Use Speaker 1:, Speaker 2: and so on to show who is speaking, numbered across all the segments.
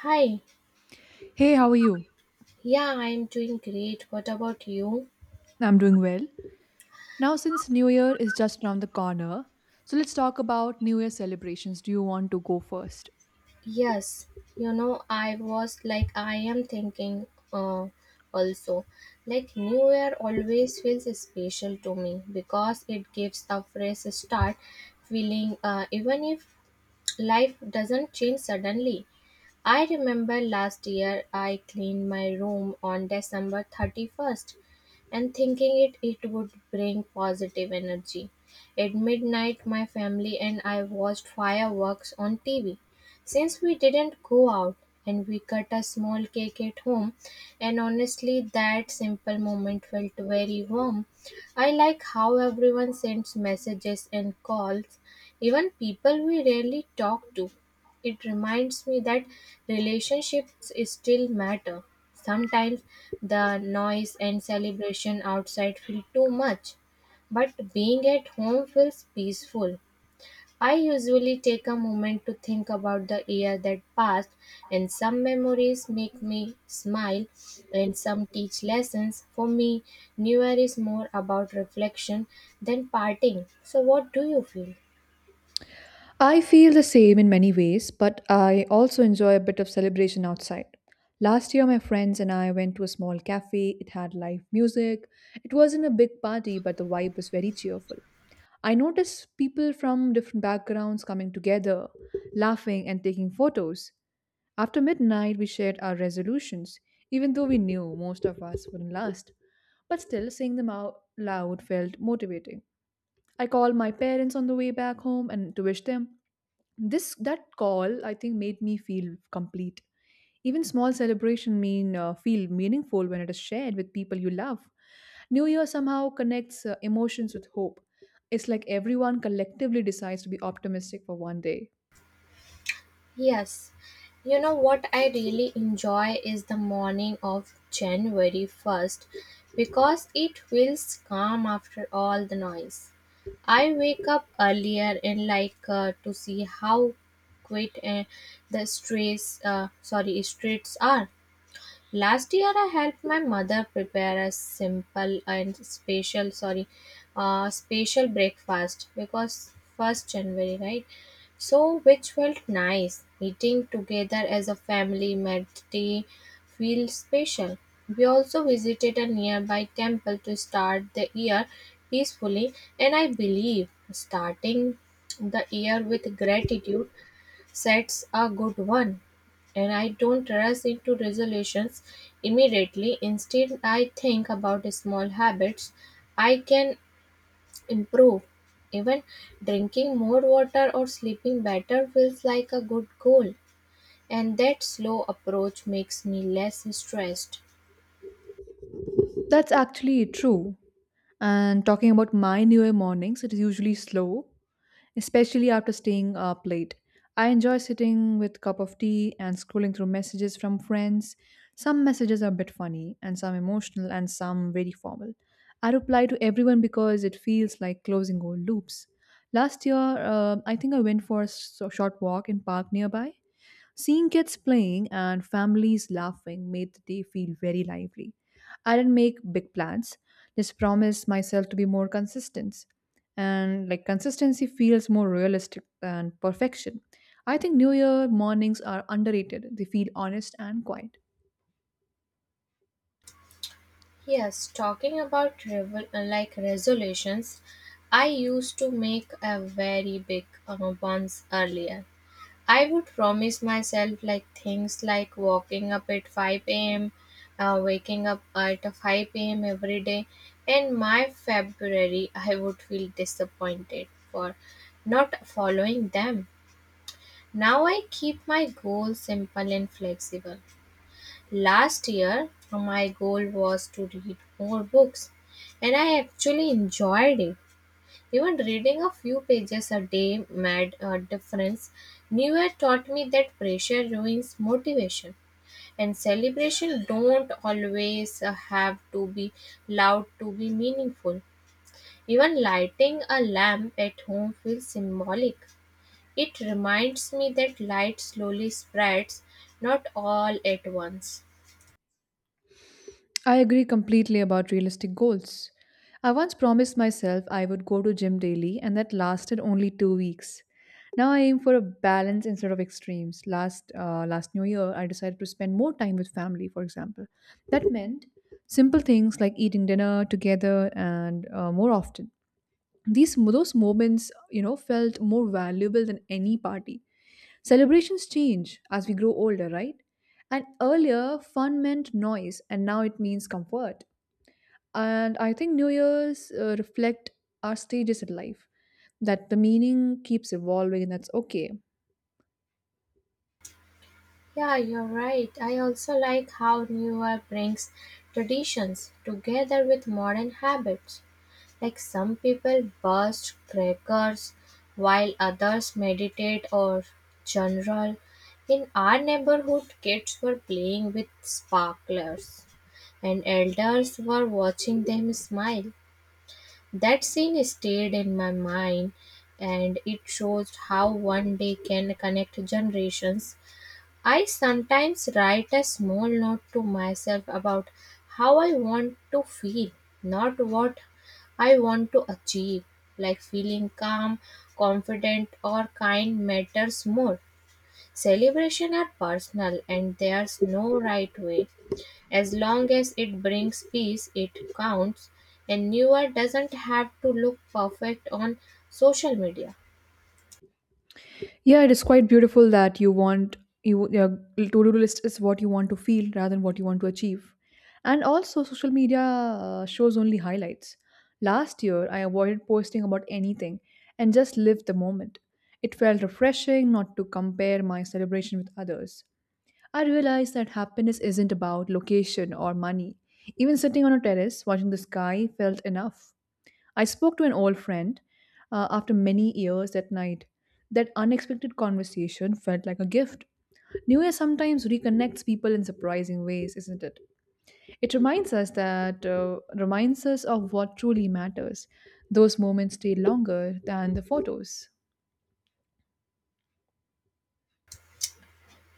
Speaker 1: Hi,
Speaker 2: Hey, how are you?
Speaker 1: yeah, I'm doing great. What about you?
Speaker 2: I'm doing well. Now, since New Year is just around the corner, so let's talk about New Year celebrations. Do you want to go first?
Speaker 1: Yes, you know, I was like, I am thinking uh, also, like, New Year always feels special to me because it gives a fresh start feeling, even if life doesn't change suddenly. I remember last year I cleaned my room on December 31st and thinking it would bring positive energy. At midnight, my family and I watched fireworks on TV. Since we didn't go out and we cut a small cake at home, and honestly, that simple moment felt very warm. I like how everyone sends messages and calls, even people we rarely talk to. It reminds me that relationships still matter. Sometimes the noise and celebration outside feel too much, but being at home feels peaceful. I usually take a moment to think about the year that passed, and some memories make me smile and some teach lessons. For me, New Year is more about reflection than parting. So, what do you feel?
Speaker 2: I feel the same in many ways, but I also enjoy a bit of celebration outside. Last year, my friends and I went to a small cafe. It had live music. It wasn't a big party, but the vibe was very cheerful. I noticed people from different backgrounds coming together, laughing, and taking photos. After midnight, we shared our resolutions, even though we knew most of us wouldn't last. But still, saying them out loud felt motivating. I called my parents on the way back home and to wish them this that call I think made me feel complete even small celebration mean feel meaningful when it is shared with people you love new year somehow connects emotions with hope it's like everyone collectively decides to be optimistic for one day.
Speaker 1: Yes. You know what I really enjoy is the morning of January 1st because it feels calm after all the noise. I wake up earlier and like to see how quiet the streets sorry, streets are. Last year, I helped my mother prepare a simple and special breakfast because first January, right? So, which felt nice. Eating together as a family made tea feel special. We also visited a nearby temple to start the year peacefully, and I believe starting the year with gratitude sets a good one. And I don't rush into resolutions immediately. Instead, I think about small habits I can improve. Even drinking more water or sleeping better feels like a good goal. And that slow approach makes me less stressed.
Speaker 2: That's actually true. And talking about my New Year mornings, it is usually slow, especially after staying up late. I enjoy sitting with cup of tea and scrolling through messages from friends. Some messages are a bit funny and some emotional and some very formal. I reply to everyone because it feels like closing old loops. Last year, I think I went for a short walk in park nearby. Seeing kids playing and families laughing made the day feel very lively. I didn't make big plans, just promised myself to be more consistent. And like consistency feels more realistic than perfection. I think New Year mornings are underrated. They feel honest and quiet.
Speaker 1: Yes, talking about like, resolutions, I used to make a very big ones earlier. I would promise myself like things like waking up at 5 a.m., waking up at 5 a.m. every day. In my February, I would feel disappointed for not following them. Now I keep my goals simple and flexible. Last year, my goal was to read more books, and I actually enjoyed it. Even reading a few pages a day made a difference. New Year taught me that pressure ruins motivation, and celebration don't always have to be loud to be meaningful. Even lighting a lamp at home feels symbolic. It reminds me that light slowly spreads, not all at once.
Speaker 2: I agree completely about realistic goals. I once promised myself I would go to gym daily and that lasted only 2 weeks. Now I aim for a balance instead of extremes. Last new year I decided to spend more time with family for example. That meant simple things like eating dinner together and more often. These those moments you know, felt more valuable than any party. Celebrations change as we grow older, right? And earlier, fun meant noise, and now it means comfort. And I think New Year's reflect our stages in life, that the meaning keeps evolving, and that's okay.
Speaker 1: Yeah, you're right. I also like how New Year brings traditions together with modern habits. Like, some people burst crackers while others meditate or journal. In our neighborhood, kids were playing with sparklers and elders were watching them smile. That scene stayed in my mind and it shows how one day can connect generations. I sometimes write a small note to myself about how I want to feel, not what I want to achieve. Like, feeling calm, confident, or kind matters more. Celebration are personal and there's no right way. As long as it brings peace, it counts, and newer doesn't have to look perfect on social media.
Speaker 2: Yeah, it is quite beautiful that you want you your to-do list is what you want to feel rather than what you want to achieve. And also social media shows only highlights. Last year I avoided posting about anything and just lived the moment. It felt refreshing not to compare my celebration with others. I realized that happiness isn't about location or money. Even sitting on a terrace watching the sky felt enough. I spoke to an old friend after many years that night. That unexpected conversation felt like a gift. New Year sometimes reconnects people in surprising ways, isn't it? It reminds us of what truly matters. Those moments stay longer than the photos.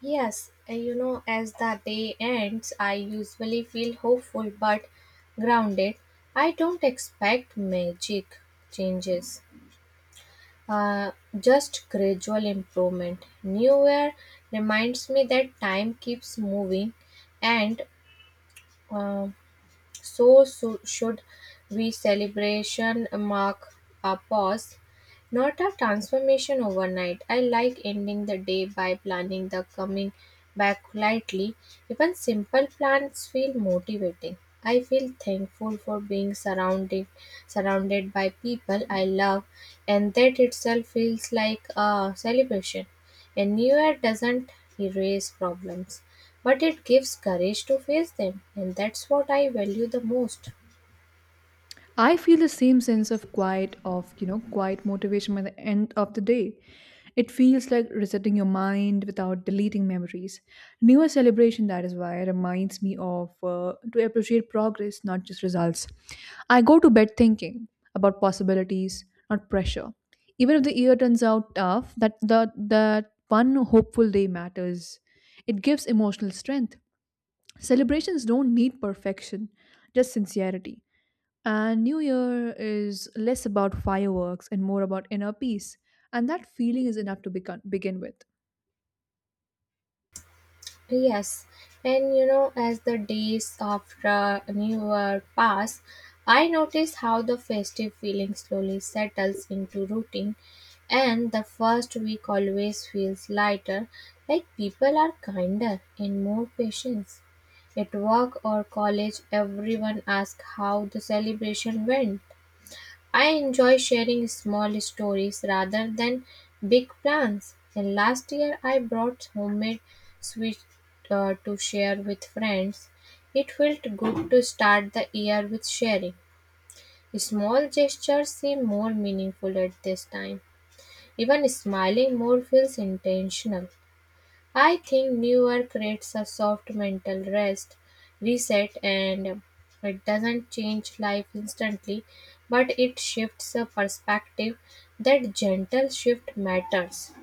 Speaker 1: Yes, you know, as the day ends, I usually feel hopeful but grounded. I don't expect magic changes, uh, just gradual improvement. New Year reminds me that time keeps moving, and uh, so should we. Celebration mark a pause, not a transformation overnight. I like ending the day by planning the coming back lightly. Even simple plans feel motivating. I feel thankful for being surrounded by people I love and that itself feels like a celebration. A new year doesn't erase problems, but it gives courage to face them and that's what I value the most.
Speaker 2: I feel the same sense of quiet of you know, quiet motivation by the end of the day. It feels like resetting your mind without deleting memories. Newer celebration, that is why, reminds me of to appreciate progress, not just results. I go to bed thinking about possibilities, not pressure. Even if the year turns out tough, that one hopeful day matters. It gives emotional strength. Celebrations don't need perfection, just sincerity. And New Year is less about fireworks and more about inner peace. And that feeling is enough to begin with.
Speaker 1: Yes, and you know, as the days of the New Year pass, I notice how the festive feeling slowly settles into routine, and the first week always feels lighter, like people are kinder and more patient. At work or college, everyone asks how the celebration went. I enjoy sharing small stories rather than big plans. And last year, I brought homemade sweets to share with friends. It felt good to start the year with sharing. Small gestures seem more meaningful at this time. Even smiling more feels intentional. I think newer creates a soft reset, and it doesn't change life instantly, but it shifts a perspective. That gentle shift matters.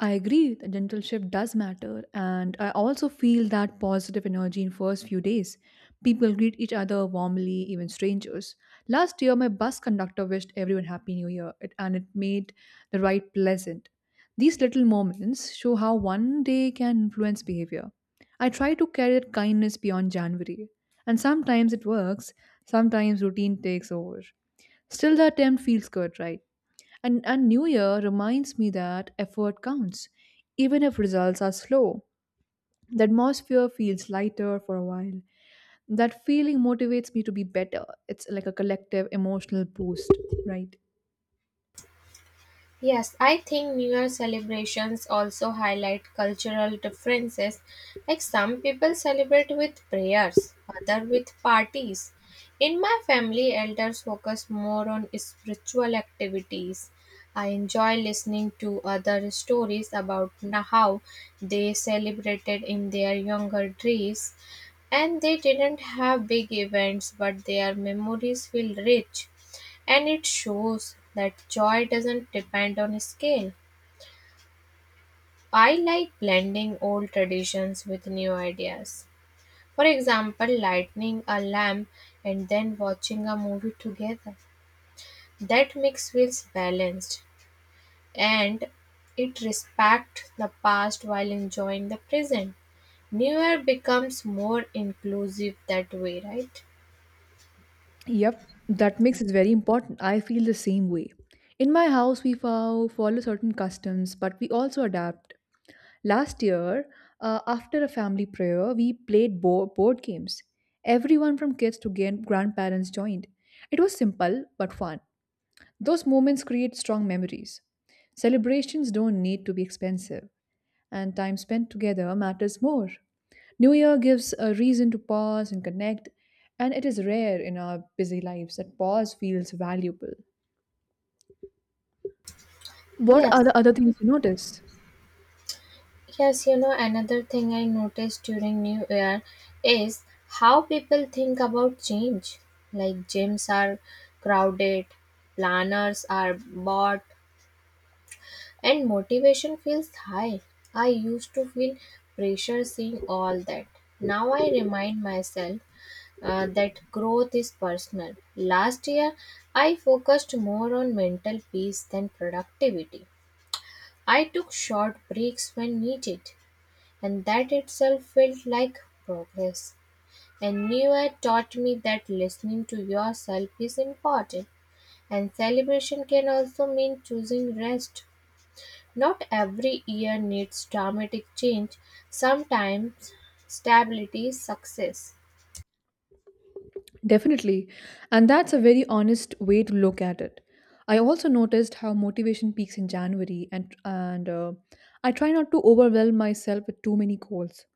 Speaker 2: I agree that gentle shift does matter, and I also feel that positive energy in first few days. People greet each other warmly, even strangers. Last year, my bus conductor wished everyone Happy New Year, and it made the ride pleasant. These little moments show how one day can influence behavior. I try to carry that kindness beyond January, and sometimes it works, sometimes routine takes over. Still, the attempt feels good, right? And New Year reminds me that effort counts, even if results are slow. The atmosphere feels lighter for a while. That feeling motivates me to be better. It's like a collective emotional boost, right?
Speaker 1: Yes, I think New Year celebrations also highlight cultural differences. Like, some people celebrate with prayers, other with parties. In my family, elders focus more on spiritual activities. I enjoy listening to other stories about how they celebrated in their younger days and they didn't have big events but their memories feel rich and it shows that joy doesn't depend on scale. I like blending old traditions with new ideas. For example, lighting a lamp and then watching a movie together. That mix feels balanced and it respects the past while enjoying the present. New Year becomes more inclusive that way, right?
Speaker 2: Yep, that mix is very important. I feel the same way. In my house, we follow certain customs, but we also adapt. Last year, after a family prayer, we played board games. Everyone from kids to grandparents joined. It was simple but fun. Those moments create strong memories. Celebrations don't need to be expensive and time spent together matters more. New Year gives a reason to pause and connect, and it is rare in our busy lives that pause feels valuable. What
Speaker 1: Yes,
Speaker 2: are the other things you notice?
Speaker 1: Yes, you know, another thing I noticed during New Year is how people think about change. Like, gyms are crowded, planners are bought, and motivation feels high. I used to feel pressure seeing all that. Now I remind myself that growth is personal. Last year, I focused more on mental peace than productivity. I took short breaks when needed. And that itself felt like progress. And New Year taught me that listening to yourself is important. And celebration can also mean choosing rest. Not every year needs dramatic change, sometimes stability is success.
Speaker 2: Definitely, and that's a very honest way to look at it. I also noticed how motivation peaks in January, and I try not to overwhelm myself with too many goals.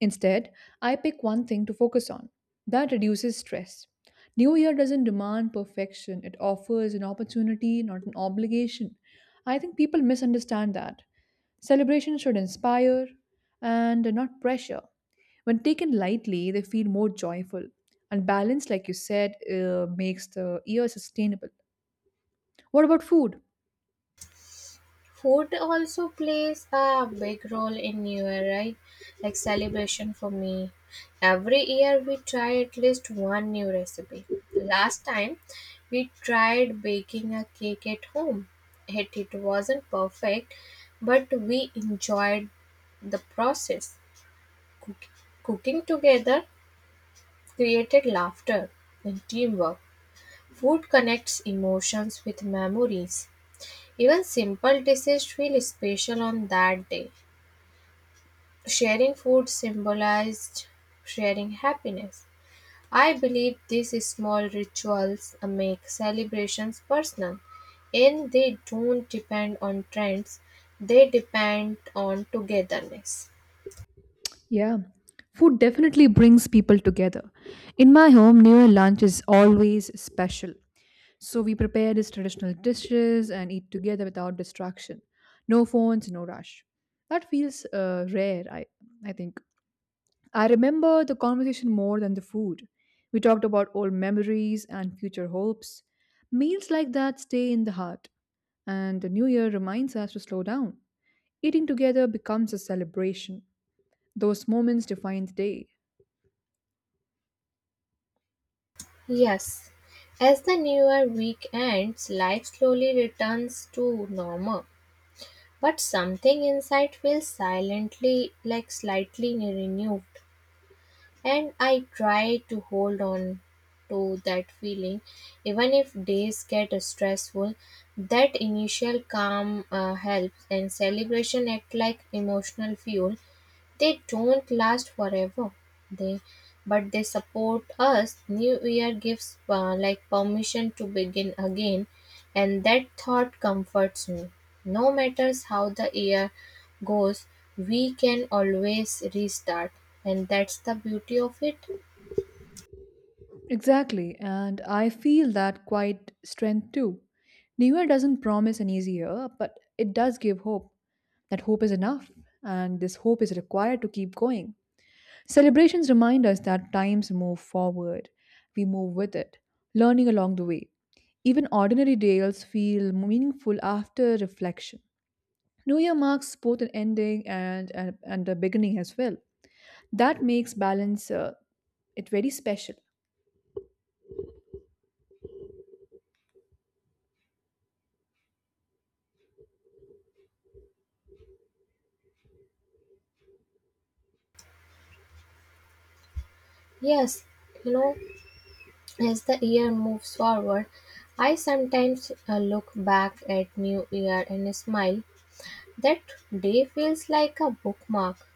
Speaker 2: Instead, I pick one thing to focus on. That reduces stress. New Year doesn't demand perfection, it offers an opportunity, not an obligation. I think people misunderstand that. Celebration should inspire and not pressure. When taken lightly, they feel more joyful. And balance, like you said, makes the year sustainable. What about food?
Speaker 1: Food also plays a big role in New Year, right? Like celebration for me. Every year we try at least one new recipe. Last time we tried baking a cake at home. It wasn't perfect, but we enjoyed the process. Cook- cooking together created laughter and teamwork. Food connects emotions with memories. Even simple dishes feel special on that day. Sharing food symbolized sharing happiness. I believe these small rituals make celebrations personal, and they don't depend on trends, they depend on togetherness.
Speaker 2: Yeah, food definitely brings people together. In my home, New Year lunch is always special. So we prepare these traditional dishes and eat together without distraction. No phones, no rush. That feels rare, I think. I remember the conversation more than the food. We talked about old memories and future hopes. Meals like that stay in the heart, and the new year reminds us to slow down. Eating together becomes a celebration. Those moments define the day.
Speaker 1: Yes, as the new year week ends, life slowly returns to normal, but something inside feels silently like slightly renewed. And I try to hold on to that feeling, even if days get stressful. That initial calm helps, and celebration act like emotional fuel. They don't last forever, they but they support us. New Year gives like permission to begin again, and that thought comforts me. No matters how the year goes, we can always restart, and that's the beauty of it.
Speaker 2: Exactly, and I feel that quite strength too. New Year doesn't promise an easy year, but it does give hope. That hope is enough, and this hope is required to keep going. Celebrations remind us that times move forward, we move with it, learning along the way. Even ordinary days feel meaningful after reflection. New Year marks both an ending and a beginning as well. That makes balance it very special.
Speaker 1: Yes, you know, as the year moves forward, I sometimes look back at New Year and smile. That day feels like a bookmark.